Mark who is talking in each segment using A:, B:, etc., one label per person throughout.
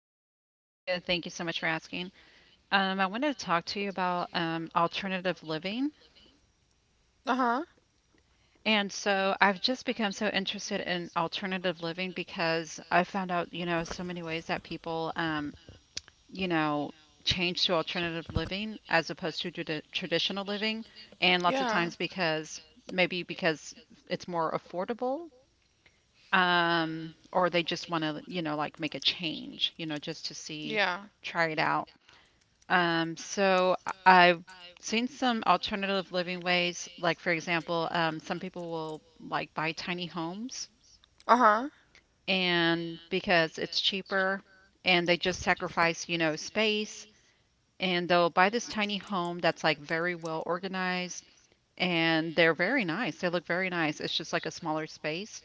A: I'm doing good. Thank you so much for asking. I wanted to talk to you about alternative living.
B: Uh huh.
A: And so I've just become so interested in alternative living because I found out, you know, so many ways that people, you know, change to alternative living as opposed to traditional living. And lots of
B: Yeah.
A: times because maybe because it's more affordable, or they just want to, you know, like make a change, you know, just to see,
B: Yeah.
A: try it out. I've seen some alternative living ways. Like, for example, some people will like buy tiny homes
B: Uh huh.
A: and because it's cheaper and they just sacrifice, you know, space and they'll buy this tiny home that's like very well organized and they're very nice. They look very nice. It's just like a smaller space.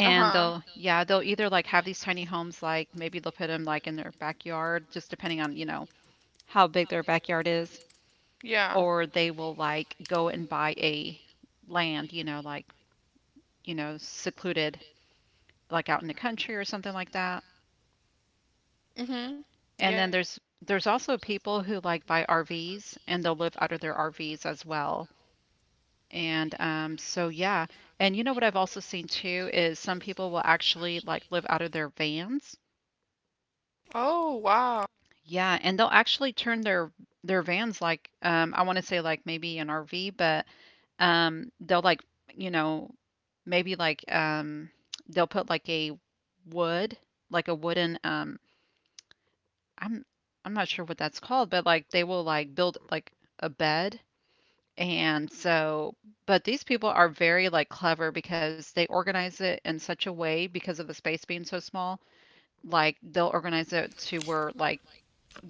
B: Uh huh.
A: they'll, yeah, they'll either like have these tiny homes, like maybe they'll put them like in their backyard, just depending on, you know, how big their backyard is
B: Yeah.
A: or they will like go and buy a land, secluded, like out in the country or something like that.
B: Mm hmm.
A: And
B: Yeah.
A: then there's also people who like buy RVs and they'll live out of their RVs as well. And so yeah, and you know what I've also seen too is some people will actually like live out of their vans.
B: Oh, wow.
A: Yeah, and they'll actually turn their vans like I want to say like maybe an RV, but Um, they'll like, you know, maybe like um, they'll put like a wood, like a wooden I'm I'm not sure what that's called, but like they will like build like a bed. And so, but these people are very like clever because they organize it in such a way because of the space being so small. Like they'll organize it to where like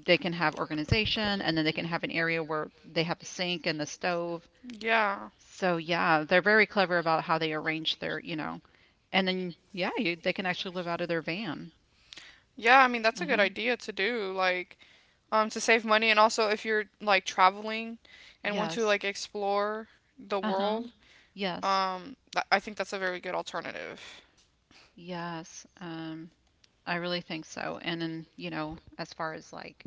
A: they can have organization and then they can have an area where they have a sink and a stove.
B: Yeah.
A: So yeah, they're very clever about how they arrange their, you know, and then yeah, you, they can actually live out of their van.
B: Yeah, I mean that's a good
A: Uh-huh.
B: idea to do, to save money, and also if you're like traveling and want to
A: Yes.
B: like explore the
A: Uh-huh.
B: world.
A: Yes.
B: I think that's a very good alternative.
A: Yes. I really think so. And then, you know, as far as like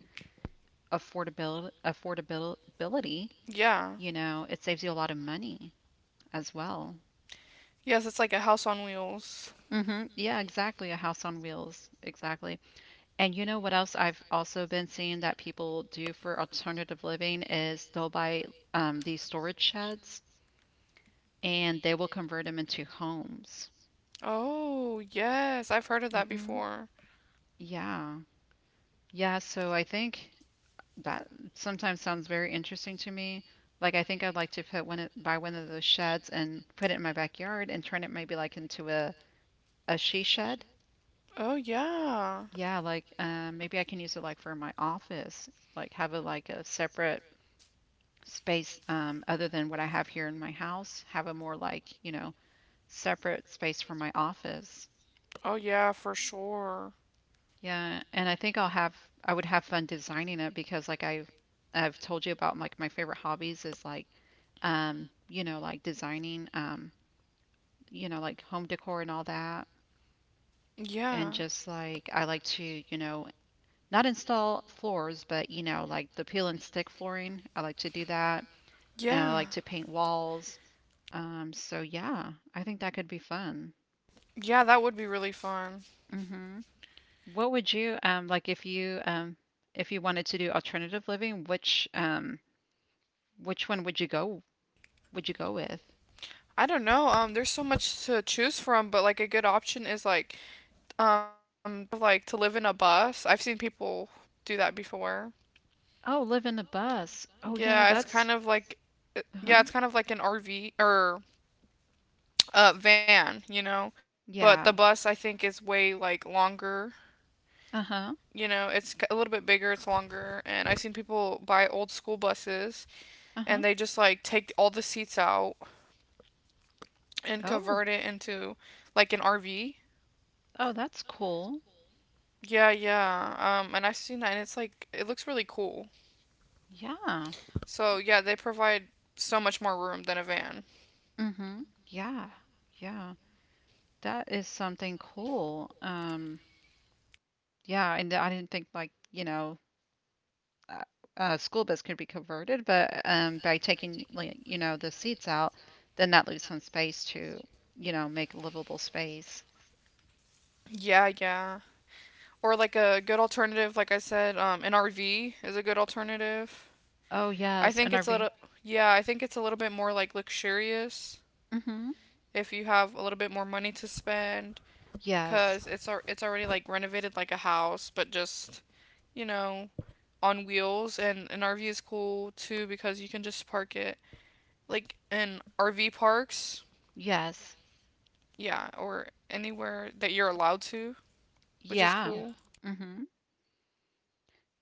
A: affordability,
B: Yeah.
A: you know, it saves you a lot of money as well.
B: Yes, it's like a house on wheels.
A: Mm-hmm. Yeah, exactly. A house on wheels. Exactly. And you know what else I've also been seeing that people do for alternative living is they'll buy these storage sheds and they will convert them into homes.
B: Oh, yes, I've heard of that
A: Hmm
B: before.
A: Yeah. Yeah. So I think that sometimes sounds very interesting to me. Like I think I'd like to put buy one of those sheds and put it in my backyard and turn it maybe like into a she shed.
B: Oh, yeah.
A: Yeah, like maybe I can use it like for my office, like have a like a separate space other than what I have here in my house, have a more like, you know, separate space for my office.
B: Oh, yeah, for sure.
A: Yeah, and I think I would have fun designing it because I've told you about like my favorite hobbies is like you know, like designing you know, like home decor and all that and
B: Yeah.
A: just like I like to, you know, not install floors, but you know, like the peel and stick flooring, I like to do that and I
B: Yeah.
A: like to paint walls. So yeah, I think that could be fun.
B: Yeah, that would be really fun.
A: Hmm What would you like if you wanted to do alternative living, which one would you go with?
B: I don't know. There's so much to choose from, but like a good option is um, like to live in a bus. I've seen people do that before.
A: Oh, live in a bus. Oh yeah,
B: Yeah, it's
A: that's
B: kind of like
A: uh-huh.
B: yeah, it's kind of like an RV or van, you know. But the
A: Yeah.
B: bus I think is way like longer.
A: Uh-huh.
B: You know, it's c- a little bit bigger, it's longer, and I've seen people buy old school buses,
A: Uh-huh.
B: and they just like take all the seats out and
A: Oh.
B: convert it into like an RV.
A: Oh, that's cool.
B: Yeah, yeah. And I've seen that and it's like it looks really cool.
A: Yeah.
B: So, yeah, they provide so much more room than a van.
A: Mm-hmm. Yeah. Yeah. That is something cool. Yeah, and I didn't think like, you know, uh, school bus could be converted, but by taking like, you know, the seats out, then that leaves some space to, you know, make a livable space.
B: Yeah, yeah. Or like a good alternative, like I said, an RV is a good alternative.
A: Oh
B: I
A: yes,
B: think
A: an
B: it's a
A: RV.
B: little, yeah, I think it's a little bit more like luxurious
A: Mm-hmm.
B: if you have a little bit more money to spend,
A: Yes.
B: cause it's already like renovated like a house, but just, you know, on wheels. And an RV is cool too because you can just park it like in RV parks,
A: Yes.
B: yeah, or anywhere that you're allowed to, which is
A: Yeah.
B: cool. Yeah.
A: Mm-hmm.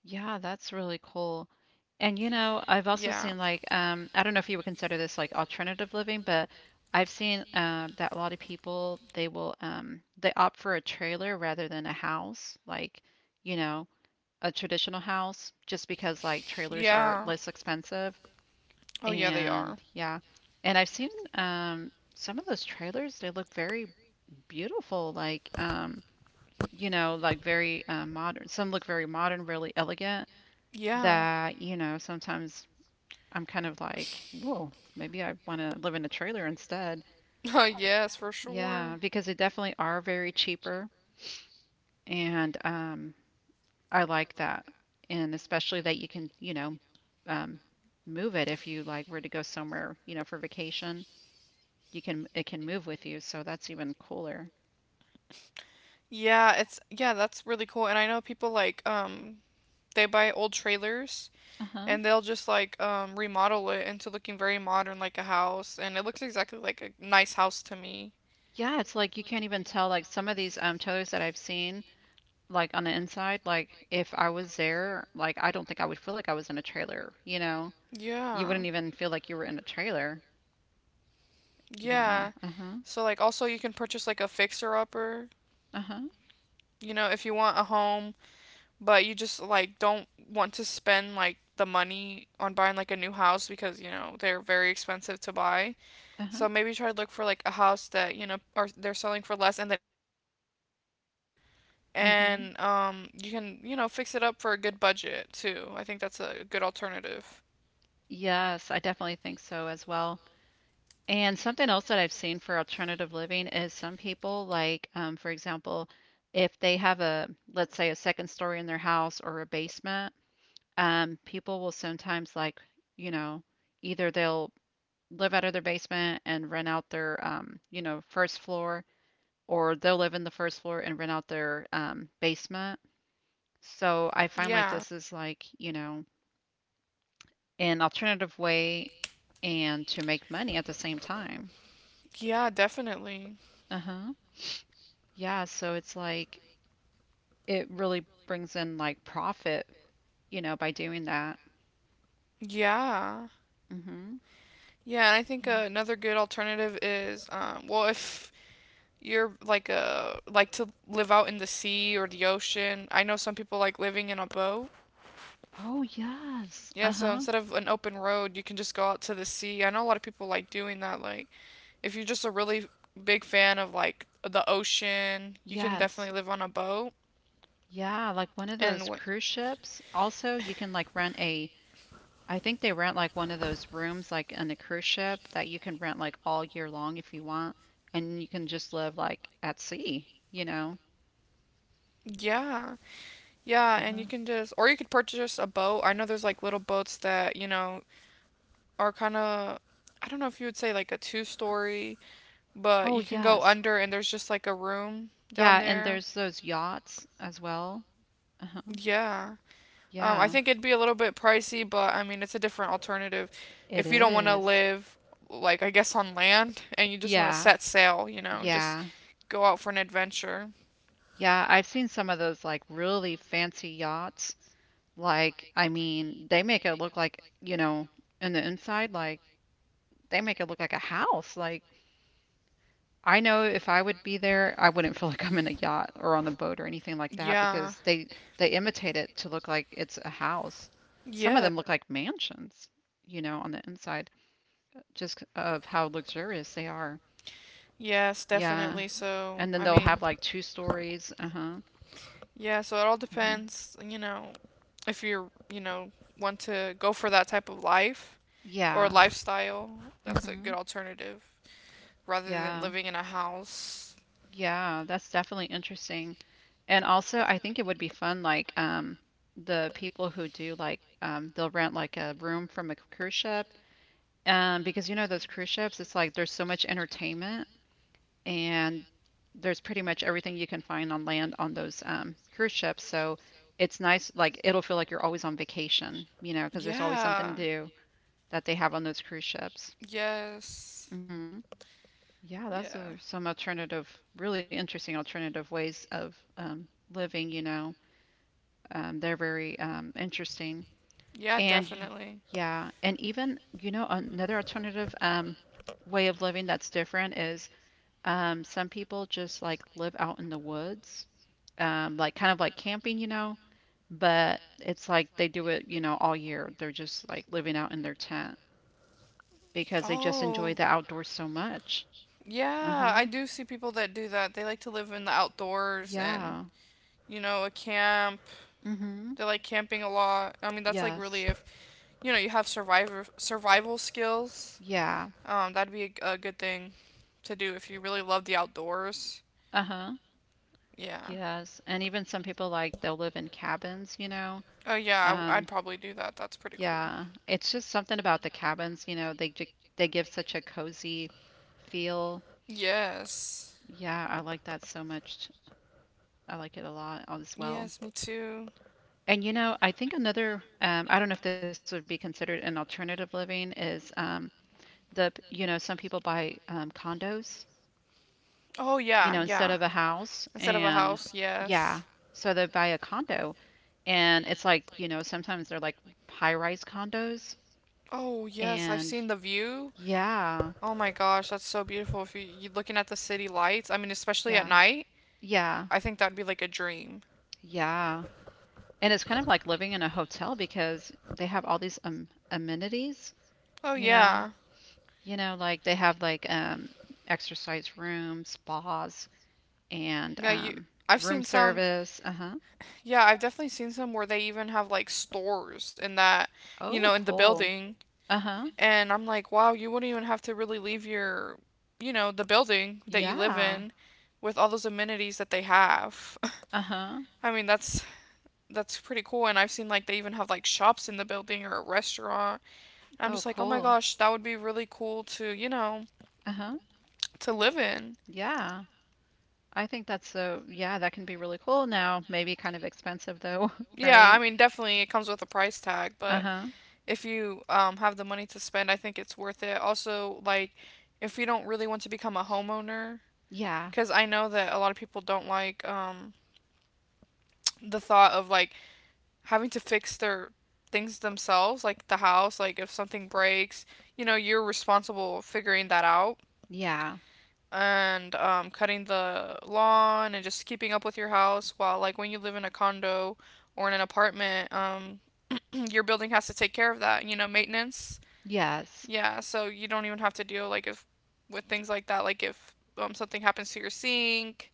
A: Yeah, that's really cool. And you know, I've also
B: Yeah.
A: seen like I don't know if you would consider this like alternative living, but I've seen that a lot of people they opt for a trailer rather than a house, like you know, a traditional house just because like trailers are
B: Yeah.
A: less expensive.
B: Oh, yeah, they
A: And
B: are.
A: yeah, and I've seen some of those trailers, they look very beautiful, like, you know, like very modern. Some look very modern, really elegant,
B: Yeah.
A: that, you know, sometimes I'm kind of like, whoa, maybe I want to live in a trailer instead.
B: Oh, yes, for sure.
A: Yeah, because they definitely are very cheaper. And I like that. And especially that you can, you know, um, move it if you like were to go somewhere, you know, for vacation. You can it can move with you, so that's even cooler.
B: Yeah, that's really cool. And I know people like they buy old trailers
A: Uh-huh.
B: and they'll just like remodel it into looking very modern like a house, and it looks exactly like a nice house to me.
A: Yeah, it's like you can't even tell like some of these trailers that I've seen like on the inside, like if I was there, like I don't think I would feel like I was in a trailer, you know. You
B: Yeah.
A: wouldn't even feel like you were in a trailer. Yeah.
B: Yeah.
A: Uh-huh.
B: So like also you can purchase like a fixer upper,
A: Uh-huh.
B: you know, if you want a home but you just like don't want to spend like the money on buying like a new house because you know they're very expensive to buy.
A: Uh-huh.
B: So maybe try to look for like a house that you know are they're selling for less and that needs work,
A: Mm-hmm.
B: and you can you know fix it up for a good budget too. I think that's a good alternative.
A: Yes, I definitely think so as well. And something else that I've seen for alternative living is some people, like, for example, if they have a, let's say, a second story in their house or a basement, people will sometimes, like, you know, either they'll live out of their basement and rent out their, you know, first floor, or they'll live in the first floor and rent out their basement. So I find like
B: Yeah,
A: this is like, you know, an alternative way and to make money at the same time.
B: yeah, definitely.
A: Uh-huh. Yeah, so it's like, it really brings in like profit, you know, by doing that.
B: Yeah.
A: Hmm
B: Yeah, and I think
A: Yeah.
B: another good alternative is, well, if you're like a like to live out in the sea or the ocean. I know some people like living in a boat.
A: Oh, yes.
B: Yeah, so
A: Uh-huh.
B: instead of an open road, you can just go out to the sea. I know a lot of people like doing that. Like, if you're just a really big fan of like the ocean, you can
A: Yes.
B: definitely live on a boat.
A: Yeah, like one of
B: And
A: those
B: what?
A: cruise ships. Also, you can like rent a, I think they rent like one of those rooms like on the cruise ship that you can rent like all year long if you want, and you can just live like at sea, you know.
B: yeah, yeah, And you
A: Uh-huh.
B: can just or you could purchase a boat. I know there's like little boats that you know are kind of I don't know if you would say like a two story, but
A: Oh,
B: you can go
A: yes.
B: under, and there's just like a room down
A: Yeah, and
B: there.
A: there's those yachts as well. Uh-huh.
B: Yeah. I
A: Yeah,
B: think it'd be a little bit pricey, but I mean, it's a different alternative.
A: it
B: If you don't want to
A: is.
B: live, like, I guess on land, and you just want to
A: Yeah.
B: set sail, you know, just
A: Yeah.
B: go out for an adventure.
A: Yeah, I've seen some of those like really fancy yachts. Like, I mean, they make it look like, you know, in the inside, like they make it look like a house. Like, I know if I would be there, I wouldn't feel like I'm in a yacht or on the boat or anything like that
B: Yeah.
A: because they imitate it to look like it's a house. Some of
B: Yeah.
A: them look like mansions, you know, on the inside, just of how luxurious they are.
B: Yes,
A: Yeah.
B: definitely. So,
A: And then
B: I
A: they'll
B: mean,
A: have like two stories. Uh-huh.
B: yeah, so it all
A: Uh-huh.
B: depends, you know, if you're, you know, want to go for that type of life or
A: Yeah.
B: lifestyle, that's a good
A: Mm-hmm.
B: alternative rather than
A: Yeah.
B: living in a house.
A: Yeah, that's definitely interesting. And also, I think it would be fun, like, the people who do like, they'll rent like a room from a cruise ship. Because you know, those cruise ships, it's like there's so much entertainment and there's pretty much everything you can find on land on those, cruise ships. So it's nice, like, it'll feel like you're always on vacation, you know, because there's always
B: Yeah.
A: something to do that they have on those cruise ships.
B: Yes.
A: Hmm Yeah, that's
B: Yeah.
A: a, some alternative, really interesting alternative ways of living, you know. They're very interesting.
B: Yeah,
A: And
B: definitely.
A: yeah, and even, you know, another alternative way of living that's different is some people just like live out in the woods, like kind of like camping, you know, but it's like they do it, you know, all year. They're just like living out in their tent because they just enjoy
B: Oh.
A: the outdoors so much.
B: Yeah, I
A: Uh-huh.
B: do see people that do that. They like to live in the outdoors, and,
A: Yeah.
B: you know, a camp.
A: Mm-hmm.
B: They like camping a lot. I mean, that's like really
A: Yes.
B: if, you know, you have survivor survival skills.
A: Yeah.
B: That'd be a good thing to do if you really love the outdoors.
A: Uh-huh.
B: Yeah.
A: Yes. And even some people like they'll live in cabins, you know.
B: Oh yeah,
A: Um,
B: I'd probably do that. That's pretty cool.
A: yeah. It's just something about the cabins, you know, they give such a cozy feel.
B: Yes.
A: Yeah, I like that so much. I like it a lot as well.
B: Yes, me too.
A: And you know, I think another I don't know if this would be considered an alternative living is the you know, some people buy condos
B: Oh
A: you know,
B: yeah,
A: instead
B: yeah.
A: of a house.
B: Instead of a
A: And
B: house,
A: yeah,
B: yes.
A: so they buy a condo. And it's like, you know, sometimes they're like high rise condos.
B: Oh yes, I've
A: And
B: seen the view.
A: yeah,
B: Oh my gosh, that's so beautiful. If you, you're looking at the city lights, I mean, especially at
A: yeah,
B: night,
A: yeah,
B: I think that'd be like a dream.
A: yeah. And it's kind of like living in a hotel because they have all these amenities,
B: Oh
A: you know,
B: yeah.
A: you know, like they have like exercise rooms, spas, and
B: Yeah, you. I've
A: room
B: seen some.
A: service. Uh-huh.
B: Yeah, I've definitely seen some where they even have like stores in that, you
A: Oh,
B: know, in the
A: cool.
B: building.
A: Uh-huh.
B: And I'm like, wow, you wouldn't even have to really leave your, you know, the building that you live
A: Yeah.
B: in with all those amenities that they have.
A: Uh-huh.
B: I mean, that's pretty cool, and I've seen like they even have like shops in the building or a restaurant. I'm
A: Oh,
B: just like, "Oh my
A: cool.
B: gosh, that would be really cool to, you know,
A: Uh-huh.
B: to live in."
A: Yeah. I think that's so, yeah, that can be really cool now. Maybe kind of expensive though,
B: Yeah, I
A: right?
B: mean, definitely it comes with a price tag, but
A: Uh-huh.
B: if you have the money to spend, I think it's worth it. Also, like, if you don't really want to become a homeowner,
A: Yeah.
B: because I know that a lot of people don't like the thought of like having to fix their things themselves, like the house, like if something breaks, you know, you're responsible for figuring that out
A: Yeah.
B: and cutting the lawn and just keeping up with your house. While like when you live in a condo or in an apartment, your building has to take care of that, you know, maintenance.
A: Yes.
B: Yeah, so you don't even have to deal like if with things like that, like if something happens to your sink,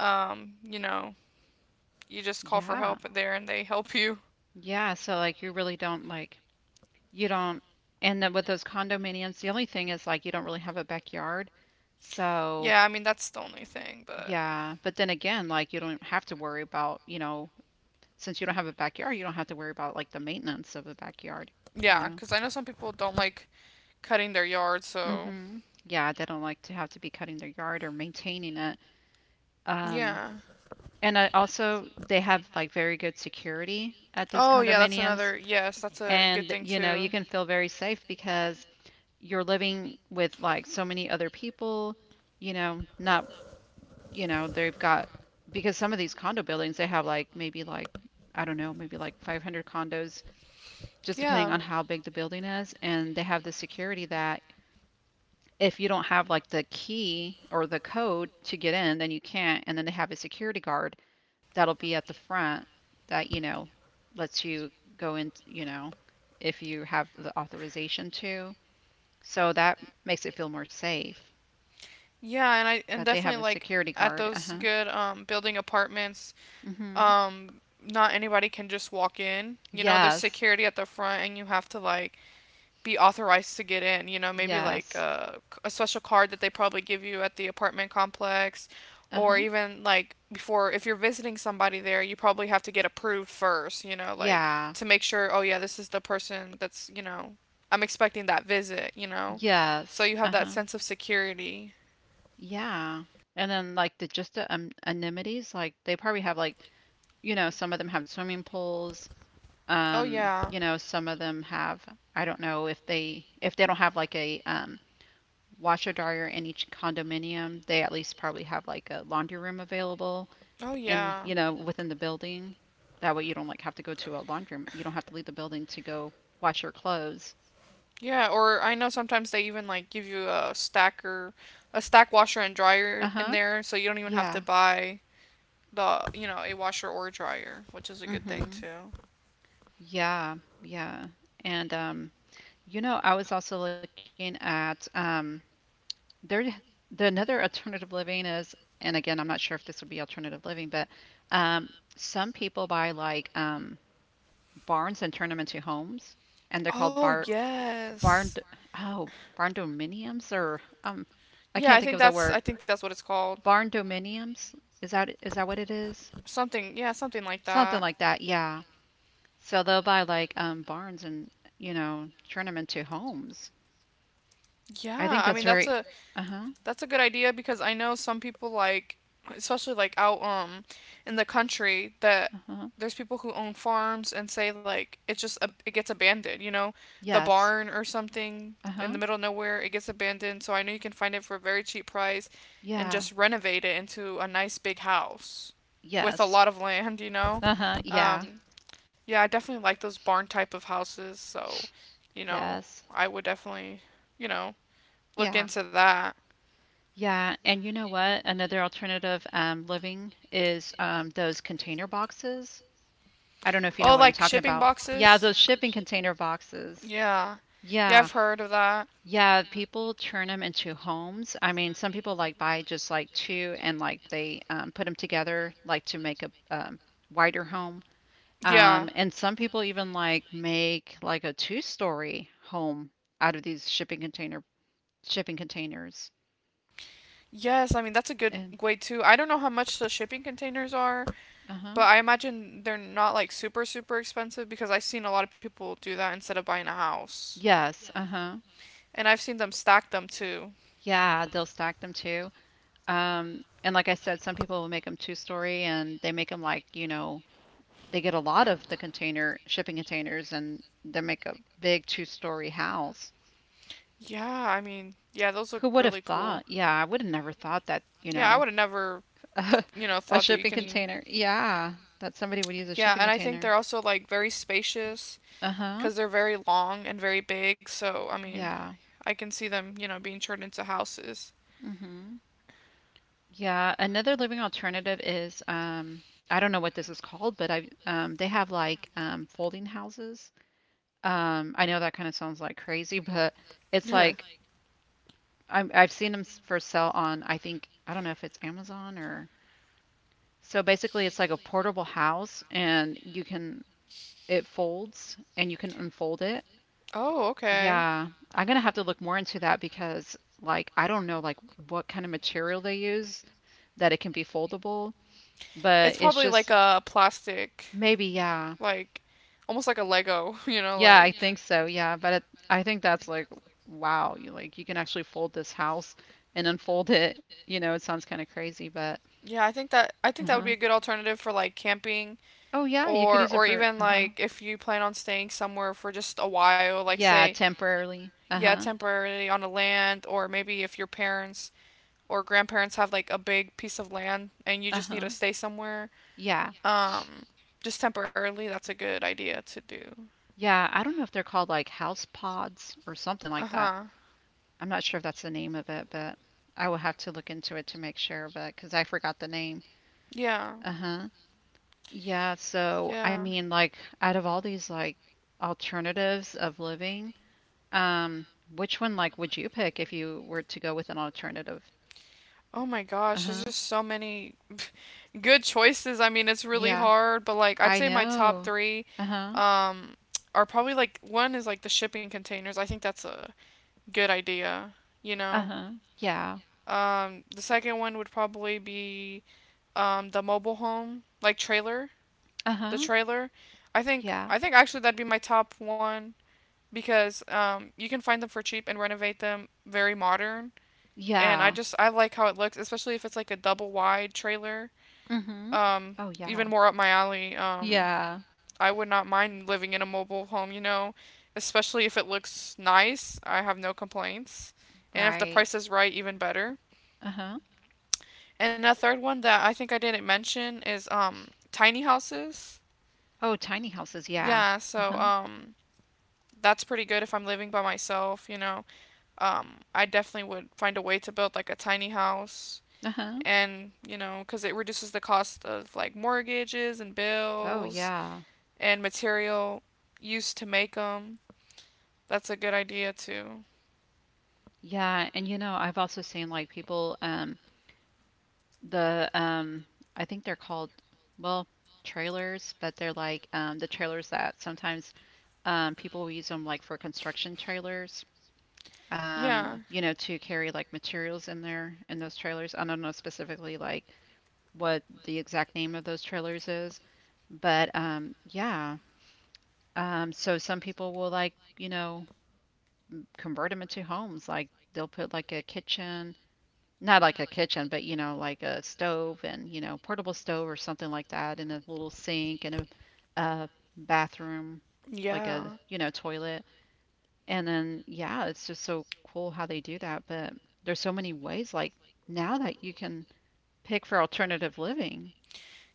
B: you know, you just call for
A: Yeah.
B: help there and they help you.
A: Yeah. So like you really don't like you don't and then with those condominiums, the only thing is like you don't really have a backyard. So
B: Yeah, I mean that's the only thing, but
A: yeah. But then again, like you don't have to worry about, since you don't have a backyard, you don't have to worry about like the maintenance of the backyard, you
B: yeah,
A: know?
B: because I know some people don't like cutting their yard, so
A: Hmm. Yeah, they don't like to have to be cutting their yard or maintaining it. Um,
B: yeah.
A: and I also, they have like very good security at these
B: Oh yeah, that's
A: condominiums.
B: another yes, that's a good
A: And,
B: thing too.
A: you can feel very safe because you're living with like so many other people, you know, not, you know, they've got, because some of these condo buildings, they have like maybe like, I don't know, maybe like 500 condos, just depending
B: Yeah.
A: on how big the building is. And they have the security that if you don't have like the key or the code to get in, then you can't. And then they have a security guard that'll be at the front that, lets you go in, if you have the authorization to. So that makes it feel more safe
B: Yeah, and I and
A: that they have
B: definitely
A: a
B: like
A: security
B: at
A: guard.
B: those
A: Uh-huh.
B: good building apartments,
A: Mm-hmm.
B: um not anybody can just walk in. You know, there's
A: Yes.
B: security at the front and you have to like be authorized to get in, you know, maybe like
A: Yes.
B: a special card that they probably give you at the apartment complex, or
A: Uh-huh.
B: even like before if you're visiting somebody there, you probably have to get approved first, you know, like
A: Yeah.
B: to make sure oh yeah, this is the person that's, you know, I'm expecting that visit, you know. So
A: Yes.
B: you have that
A: Uh-huh.
B: sense of security.
A: Yeah. And then like the just the amenities, like they probably have like, some of them have swimming pools.
B: Oh yeah.
A: You know, some of them have, I don't know if they don't have like a washer dryer in each condominium, they at least probably have like a laundry room available
B: Oh
A: in,
B: yeah.
A: within the building. That way you don't like have to go to a laundry room. You don't have to leave the building to go wash your clothes.
B: Yeah, or I know sometimes they even like give you a stacker, a stack washer and dryer in
A: Uh-huh.
B: there, so you don't even have to
A: Yeah.
B: buy the, you know, a washer or dryer, which is a good thing
A: Mm-hmm.
B: too.
A: Yeah. Yeah. And You know, I was also looking at there the another alternative living is, and again, I'm not sure if this would be alternative living, but um, some people buy like barns and turn them into homes, and they're called
B: Oh, yes.
A: barn, oh, barn dominiums, or I
B: Yeah,
A: can't think of the
B: I
A: word.
B: think that's what it's called.
A: Barn dominiums, is that what it is?
B: Something, yeah, something like
A: Something
B: that.
A: like that, yeah. So they'll buy like barns and, you know, turn them into homes. I
B: Yeah,
A: think
B: I
A: that's
B: mean
A: very, uh-huh,
B: that's a good idea because I know some people like especially like out in the country that
A: uh-huh,
B: there's people who own farms and say like it just ab- it gets abandoned, you know, the
A: yes.
B: barn or something in
A: Uh-huh.
B: the middle of nowhere, it gets abandoned. So I know you can find it for a very cheap price and
A: Yeah.
B: just renovate it into a nice big house with a
A: Yes.
B: lot of land, you know.
A: Uh-huh. Yeah.
B: Um yeah, I definitely like those barn type of houses, so you know,
A: Yes.
B: I would definitely, you know, look
A: Yeah.
B: into that.
A: Yeah. And you know what? Another alternative living is those container boxes. I don't know if you know
B: Oh,
A: what I'm
B: like
A: talking
B: shipping
A: about. Yeah,
B: boxes?
A: those shipping container boxes.
B: Yeah. Yeah,
A: Yeah.
B: I've heard of that.
A: Yeah, people turn them into homes. I mean, some people like buy just like two and like they put them together like to make a wider home.
B: Yeah.
A: And some people even like make like a two-story home out of these shipping containers.
B: Yes, I mean that's a good
A: And
B: way too. I don't know how much the shipping containers are,
A: uh-huh.
B: but I imagine they're not like super expensive because I've seen a lot of people do that instead of buying a house.
A: Yes, uh-huh.
B: And I've seen them stack them too.
A: Yeah, they'll stack them too. And like I said, some people will make them two-story, and they make them like, they get a lot of the container shipping containers, and they make a big two-story house.
B: Yeah, I mean, yeah, those
A: Who
B: look
A: would have
B: really cool.
A: thought? Yeah, I would have never thought that, you
B: Yeah, I
A: know,
B: would have never, you know,
A: a
B: thought that you
A: shipping
B: can.
A: container. Yeah, that somebody would use a
B: Yeah,
A: shipping
B: and I think
A: container.
B: they're also like very spacious
A: Uh-huh.
B: because they're very long and very big. So I mean,
A: Yeah.
B: I can see them, you know, being turned into houses.
A: Mhm. Yeah, another living alternative is I don't know what this is called, but I they have like folding houses. I know that kind of sounds like crazy, but it's
B: Oh,
A: like I've seen them for sale on, I think, I don't know if it's Amazon or, so basically it's like a portable house and you can, it folds and you can unfold it.
B: okay.
A: Yeah, I'm gonna have to look more into that because, like, I don't know, like, what kind of material they use that it can be foldable, but
B: It's
A: it's
B: probably
A: just,
B: like a plastic,
A: maybe, yeah,
B: like almost like a Lego. You know,
A: yeah, I
B: like
A: think so, yeah, but it, I think that's like, wow, you like you can actually fold this house and unfold it. You know, it sounds kind of crazy, but
B: yeah. I think that would
A: uh-huh.
B: be a good alternative for like camping
A: Oh yeah, you could use it
B: or
A: for
B: even
A: uh-huh.
B: like if you plan on staying somewhere for just a while, like
A: Yeah,
B: say
A: temporarily.
B: yeah,
A: Uh-huh.
B: temporarily on a land, or maybe if your parents or grandparents have like a big piece of land and you just need to
A: Uh-huh.
B: stay somewhere.
A: Yeah.
B: Um, just temporarily, that's a good idea to do.
A: Yeah, I don't know if they're called like house pods or something
B: Uh
A: like that.
B: huh.
A: I'm not sure if that's the name of it, but I will have to look into it to make sure, but because I forgot the name.
B: Yeah.
A: Uh huh. Yeah. So, I
B: Yeah.
A: mean, like, out of all these like alternatives of living, um, which one like would you pick if you were to go with an alternative?
B: Oh my
A: Uh
B: gosh, there's
A: huh.
B: just so many good choices. I mean, it's really
A: Yeah.
B: hard, but like I'd
A: I
B: say my top
A: know.
B: three
A: Uh huh.
B: um, are probably like one is like the shipping containers. I think that's a good idea, you
A: Uh
B: know.
A: huh. Yeah.
B: The second one would probably be the mobile home, like trailer,
A: Uh
B: the
A: huh.
B: trailer. I think
A: Yeah.
B: I think actually that'd be my top one, because you can find them for cheap and renovate them very modern. And I
A: Yeah.
B: just I like how it looks, especially if it's like a double wide trailer.
A: Mm hmm.
B: Um,
A: Oh, yeah.
B: Even more up my alley.
A: Yeah.
B: I would not mind living in a mobile home, you know, especially if it looks nice. I have no complaints. And if the
A: Right.
B: price is right, even better.
A: Uh huh.
B: And a third one that I think I didn't mention is tiny houses.
A: Oh, tiny houses. Yeah.
B: Yeah,
A: Uh
B: so
A: huh.
B: that's pretty good if I'm living by myself. I definitely would find a way to build like a tiny house,
A: Uh huh.
B: and you know, because it reduces the cost of like mortgages and
A: Oh
B: bills
A: yeah.
B: and material used to make them. That's a good idea too.
A: Yeah, and you know, I've also seen like people the I think they're called, well, trailers, but they're like the trailers that sometimes people will use them like for construction trailers.
B: Yeah,
A: You know, to carry like materials in there in those trailers. I don't know specifically like what the exact name of those trailers is, but yeah. So some people will like, convert them into homes, like they'll put like a kitchen, not like a kitchen, but you know, like a stove and you know, portable stove or something like that, and a little sink and a bathroom, like a,
B: yeah,
A: you know, toilet. And then yeah, it's just so cool how they do that. But there's so many ways like now that you can pick for alternative living.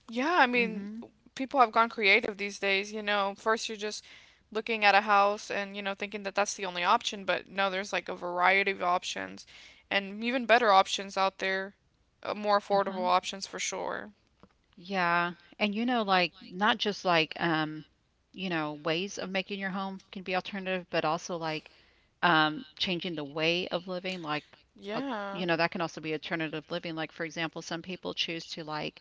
B: yeah. I mean,
A: Hmm.
B: people have gone creative these days. You know, first you're just looking at a house and you know thinking that that's the only option, but no, there's like a variety of options, and even better options out there, more
A: Uh-huh.
B: affordable options for sure.
A: Yeah. And you know, like not just like you know, ways of making your home can be alternative, but also like changing the way of living, like uh,
B: Yeah.
A: you know, that can also be alternative living, like for example some people choose to like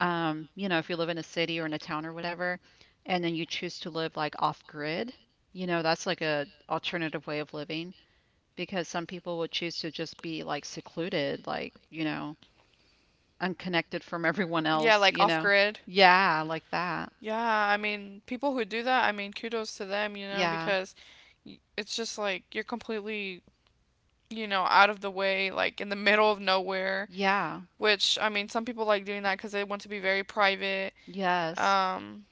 A: you know, if you live in a city or in a town or whatever, and then you choose to live like off grid, you know, that's like a alternative way of living, because some people will choose to just be like secluded, like you know, unconnected from everyone
B: Yeah,
A: else,
B: like
A: you
B: off
A: know.
B: grid.
A: Yeah, like that,
B: Yeah, I mean, people who do that, I mean, kudos to them, you know,
A: yeah,
B: because it's just like you're completely, you know, out of the way, like in the middle of nowhere,
A: yeah,
B: which I mean, some people like doing that because they want to be very private,
A: yes,
B: um,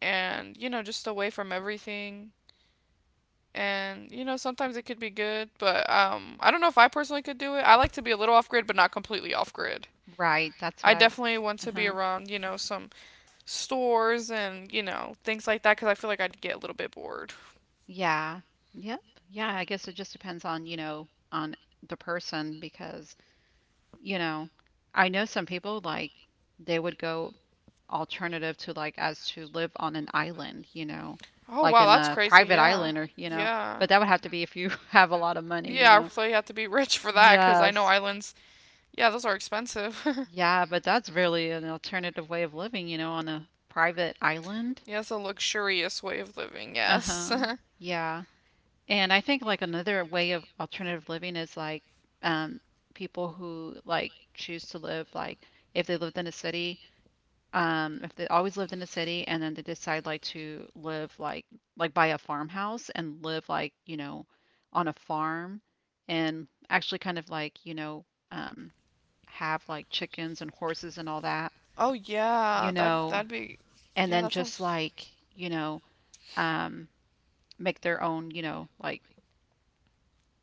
B: and, you know, just away from everything. And, you know, sometimes it could be good, but I don't know if I personally could do it. I like to be a little off grid, but not completely off grid.
A: right, that's what
B: I
A: I would,
B: definitely want to be
A: uh-huh.
B: around, you know, some stores and you know things like that because I feel like I'd get a little bit bored.
A: Yeah. Yep. Yeah, I guess it just depends on, on the person because, you know, I know some people like they would go alternative to like as to live on an island, you know,
B: Oh
A: like
B: wow,
A: in
B: that's
A: a
B: crazy.
A: private
B: Yeah,
A: island, or, you know,
B: yeah,
A: but that would have to be if you have a lot of money,
B: money.
A: you
B: Yeah.
A: know.
B: So you have to be rich for that because I know
A: Yes.
B: islands. Yeah, those are expensive.
A: Yeah, but that's really an alternative way of living, you know, on a private island.
B: Yes, a luxurious way of living.
A: Uh-huh.
B: Yes.
A: Yeah. And I think like another way of alternative living is like um, people who like choose to live like if they lived in a city, if they always lived in a city, and then they decide like to live like buy a farmhouse and live like, you know, on a farm, and actually kind of like, have like chickens and horses and all that,
B: Oh yeah,
A: you
B: that
A: know,
B: that'd be.
A: and
B: Yeah,
A: then
B: that
A: just
B: sounds.
A: like, you know, um, make their own, you know, like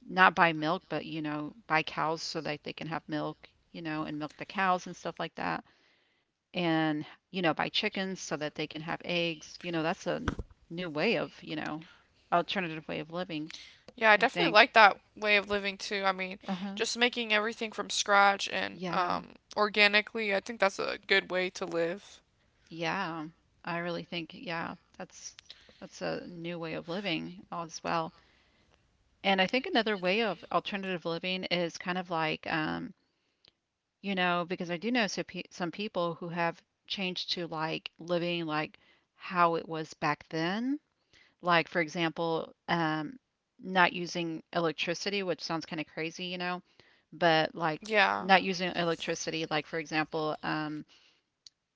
A: not buy milk, but you know, buy cows so that they can have milk, you know, and milk the cows and stuff like that. And you know, buy chickens so that they can have eggs. You know, that's a new way of, you know, alternative way of living,
B: Yeah, I
A: I
B: definitely
A: think.
B: like that way of living too. I mean,
A: Uh-huh.
B: just making everything from scratch and
A: Yeah.
B: organically. I think that's a good way to live.
A: Yeah. I really think yeah, that's a new way of living as well. And I think another way of alternative living is kind of like you know, because I do know so some people who have changed to like living like how it was back then. Like, for example, not using electricity, which sounds kind of crazy, you know, but like
B: Yeah.
A: not using electricity, like, for example,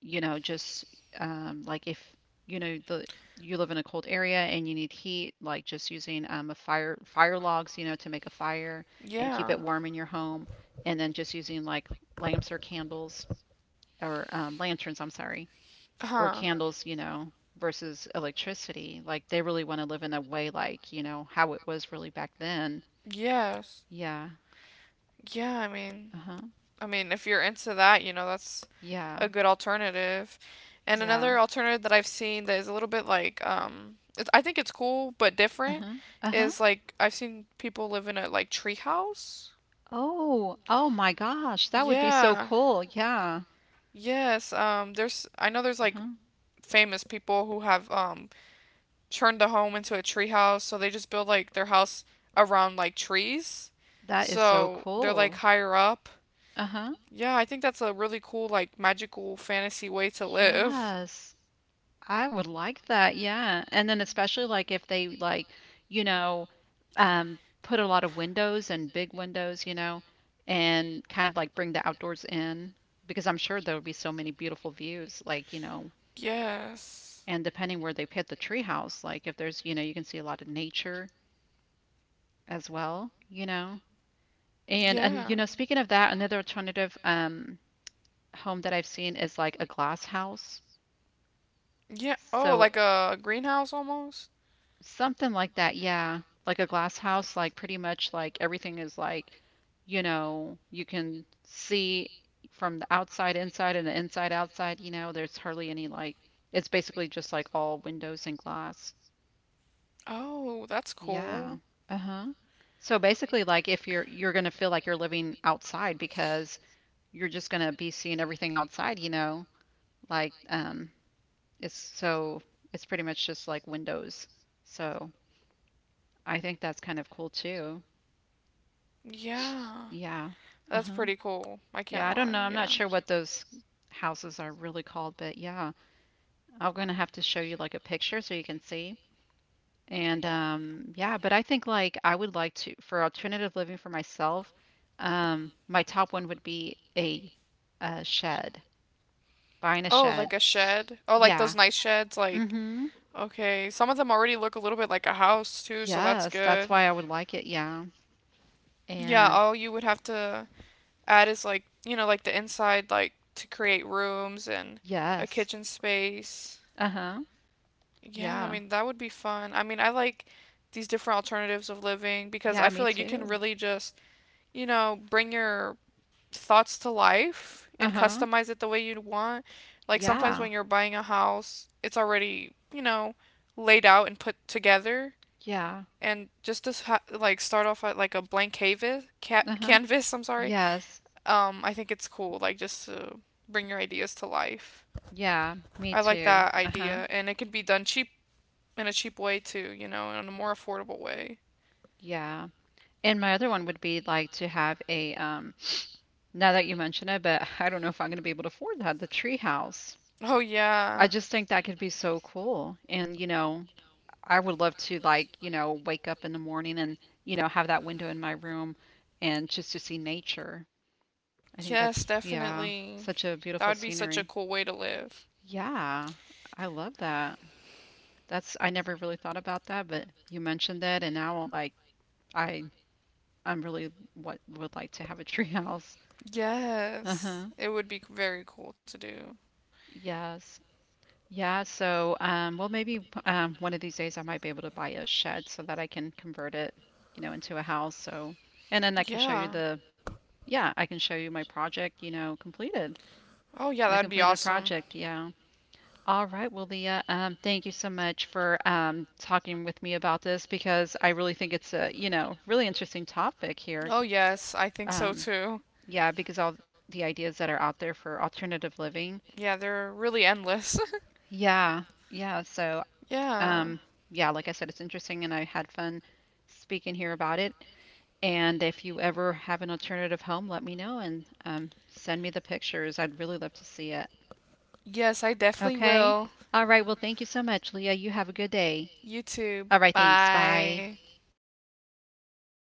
A: you know, just like if you know the, you live in a cold area and you need heat, like just using a fire fire logs, you know, to make a fire and keep
B: Yeah.
A: it warm in your home, and then just using like lamps or candles or lanterns, I'm sorry, or
B: Huh.
A: candles, you know, versus electricity. Like they really want to live in a way like you know how it was really back then.
B: Yes.
A: Yeah.
B: Yeah,
A: Uh huh.
B: I mean, if you're into that, you know, that's
A: Yeah.
B: a good alternative. And
A: Yeah.
B: another alternative that I've seen that is a little bit like, it's, I think it's cool but
A: Uh
B: different
A: huh. Uh huh.
B: is like I've seen people live in a like tree house.
A: Oh, oh my gosh, that would be so
B: Yeah.
A: cool. Yeah.
B: Yes. There's I know there's like
A: Uh-huh.
B: famous people who have turned the home into a tree house, so they just build like their house around like trees.
A: That is so
B: So they're like
A: cool.
B: higher up.
A: Uh-huh.
B: Yeah, I think that's a really cool, like, magical fantasy way to live.
A: Yes. I would like that. Yeah. And then especially like if they like, you know, put a lot of windows and big windows, you know, and kind of like bring the outdoors in because I'm sure there would be so many beautiful views like, you know,
B: Yes.
A: and depending where they put the treehouse, like if there's, you know, you can see a lot of nature as well, you know. And
B: Yeah.
A: you know, speaking of that, another alternative home that I've seen is like a glass house.
B: Yeah. Oh,
A: So
B: like a greenhouse almost?
A: something like that, yeah. Like a glass house, like pretty much like everything is like, you know, you can see from the outside inside and the inside outside, you know, there's hardly any like, it's basically just like all windows and glass.
B: Oh, that's
A: Yeah.
B: cool.
A: Uh-huh. So basically like if you're going to feel like you're living outside because you're just going to be seeing everything outside, you know? Like, it's so, it's pretty much just like windows. So I think that's kind of cool too.
B: Yeah.
A: Yeah.
B: That's
A: Uh-huh.
B: pretty cool. I can't
A: Yeah, I don't know.
B: lie.
A: I'm not
B: Yeah.
A: sure what those houses are really called, but yeah, I'm going to have to show you like a picture so you can see. And Yeah, but I think like I would like to, for alternative living for myself, my top one would be a shed, buying a
B: Oh,
A: shed.
B: like a shed. Oh, like
A: Yeah.
B: those nice sheds. Like,
A: Mm-hmm.
B: okay. Some of them already look a little bit like a house, too, so that's
A: Yes, that's
B: good.
A: why I would like it, yeah.
B: Yeah.
A: And
B: Oh, you would have to add is like you know like the inside like to create rooms and a
A: yes.
B: kitchen space.
A: Uh-huh.
B: Yeah, I
A: Yeah.
B: mean that would be fun. I mean I like these different alternatives of living because I
A: Yeah,
B: feel
A: me
B: like you can
A: too.
B: really just you know bring your thoughts to life and
A: Uh-huh.
B: customize it the way you'd want. Like sometimes
A: Yeah.
B: when you're buying a house, it's already you know laid out and put together
A: Yeah.
B: and just to like start off at like a blank canvas ca-
A: Uh-huh.
B: canvas I'm sorry.
A: Yes.
B: I think it's cool, like just to bring your ideas to life.
A: Yeah, me
B: I like
A: too.
B: that
A: Uh-huh.
B: idea, and it could be done cheap in a cheap way too, you know, in a more affordable way.
A: Yeah. And my other one would be like to have a now that you mention it, but I don't know if I'm going to be able to afford that, the tree house.
B: Oh
A: I
B: yeah,
A: just think that could be so cool. And you know, I would love to like, you know, wake up in the morning and you know, have that window in my room and just to see nature. I think
B: yes,
A: that's, yeah,
B: definitely.
A: such a
B: That
A: beautiful
B: would be such a
A: scenery.
B: cool way to live.
A: Yeah, I love that. That's, I never really thought about that, but you mentioned it, and now like I, I'm really what would like to have a treehouse.
B: Yes,
A: Uh-huh.
B: it would be very cool to do.
A: Yes. Yeah, so well, maybe one of these days I might be able to buy a shed so that I can convert it, you know, into a house. So, and then I can show you
B: Yeah.
A: the, yeah, I can show you my project, you know, completed,
B: Oh yeah,
A: my
B: that'd be
A: completed
B: awesome.
A: project. Yeah. All right, well, Leah, thank you so much for talking with me about this because I really think it's a, you know, really interesting topic here.
B: Oh yes, I think so
A: Um,
B: too.
A: yeah, because all the ideas that are out there for alternative living.
B: Yeah, they're really endless.
A: Yeah, yeah. So,
B: Yeah.
A: um, yeah, like I said, it's interesting and I had fun speaking here about it. And if you ever have an alternative home, let me know and send me the pictures. I'd really love to see it.
B: Yes, I definitely
A: Okay.
B: will.
A: All right. Well, thank you so much, Leah. You have a good day.
B: You too.
A: All right. Thanks. Bye.
B: Bye.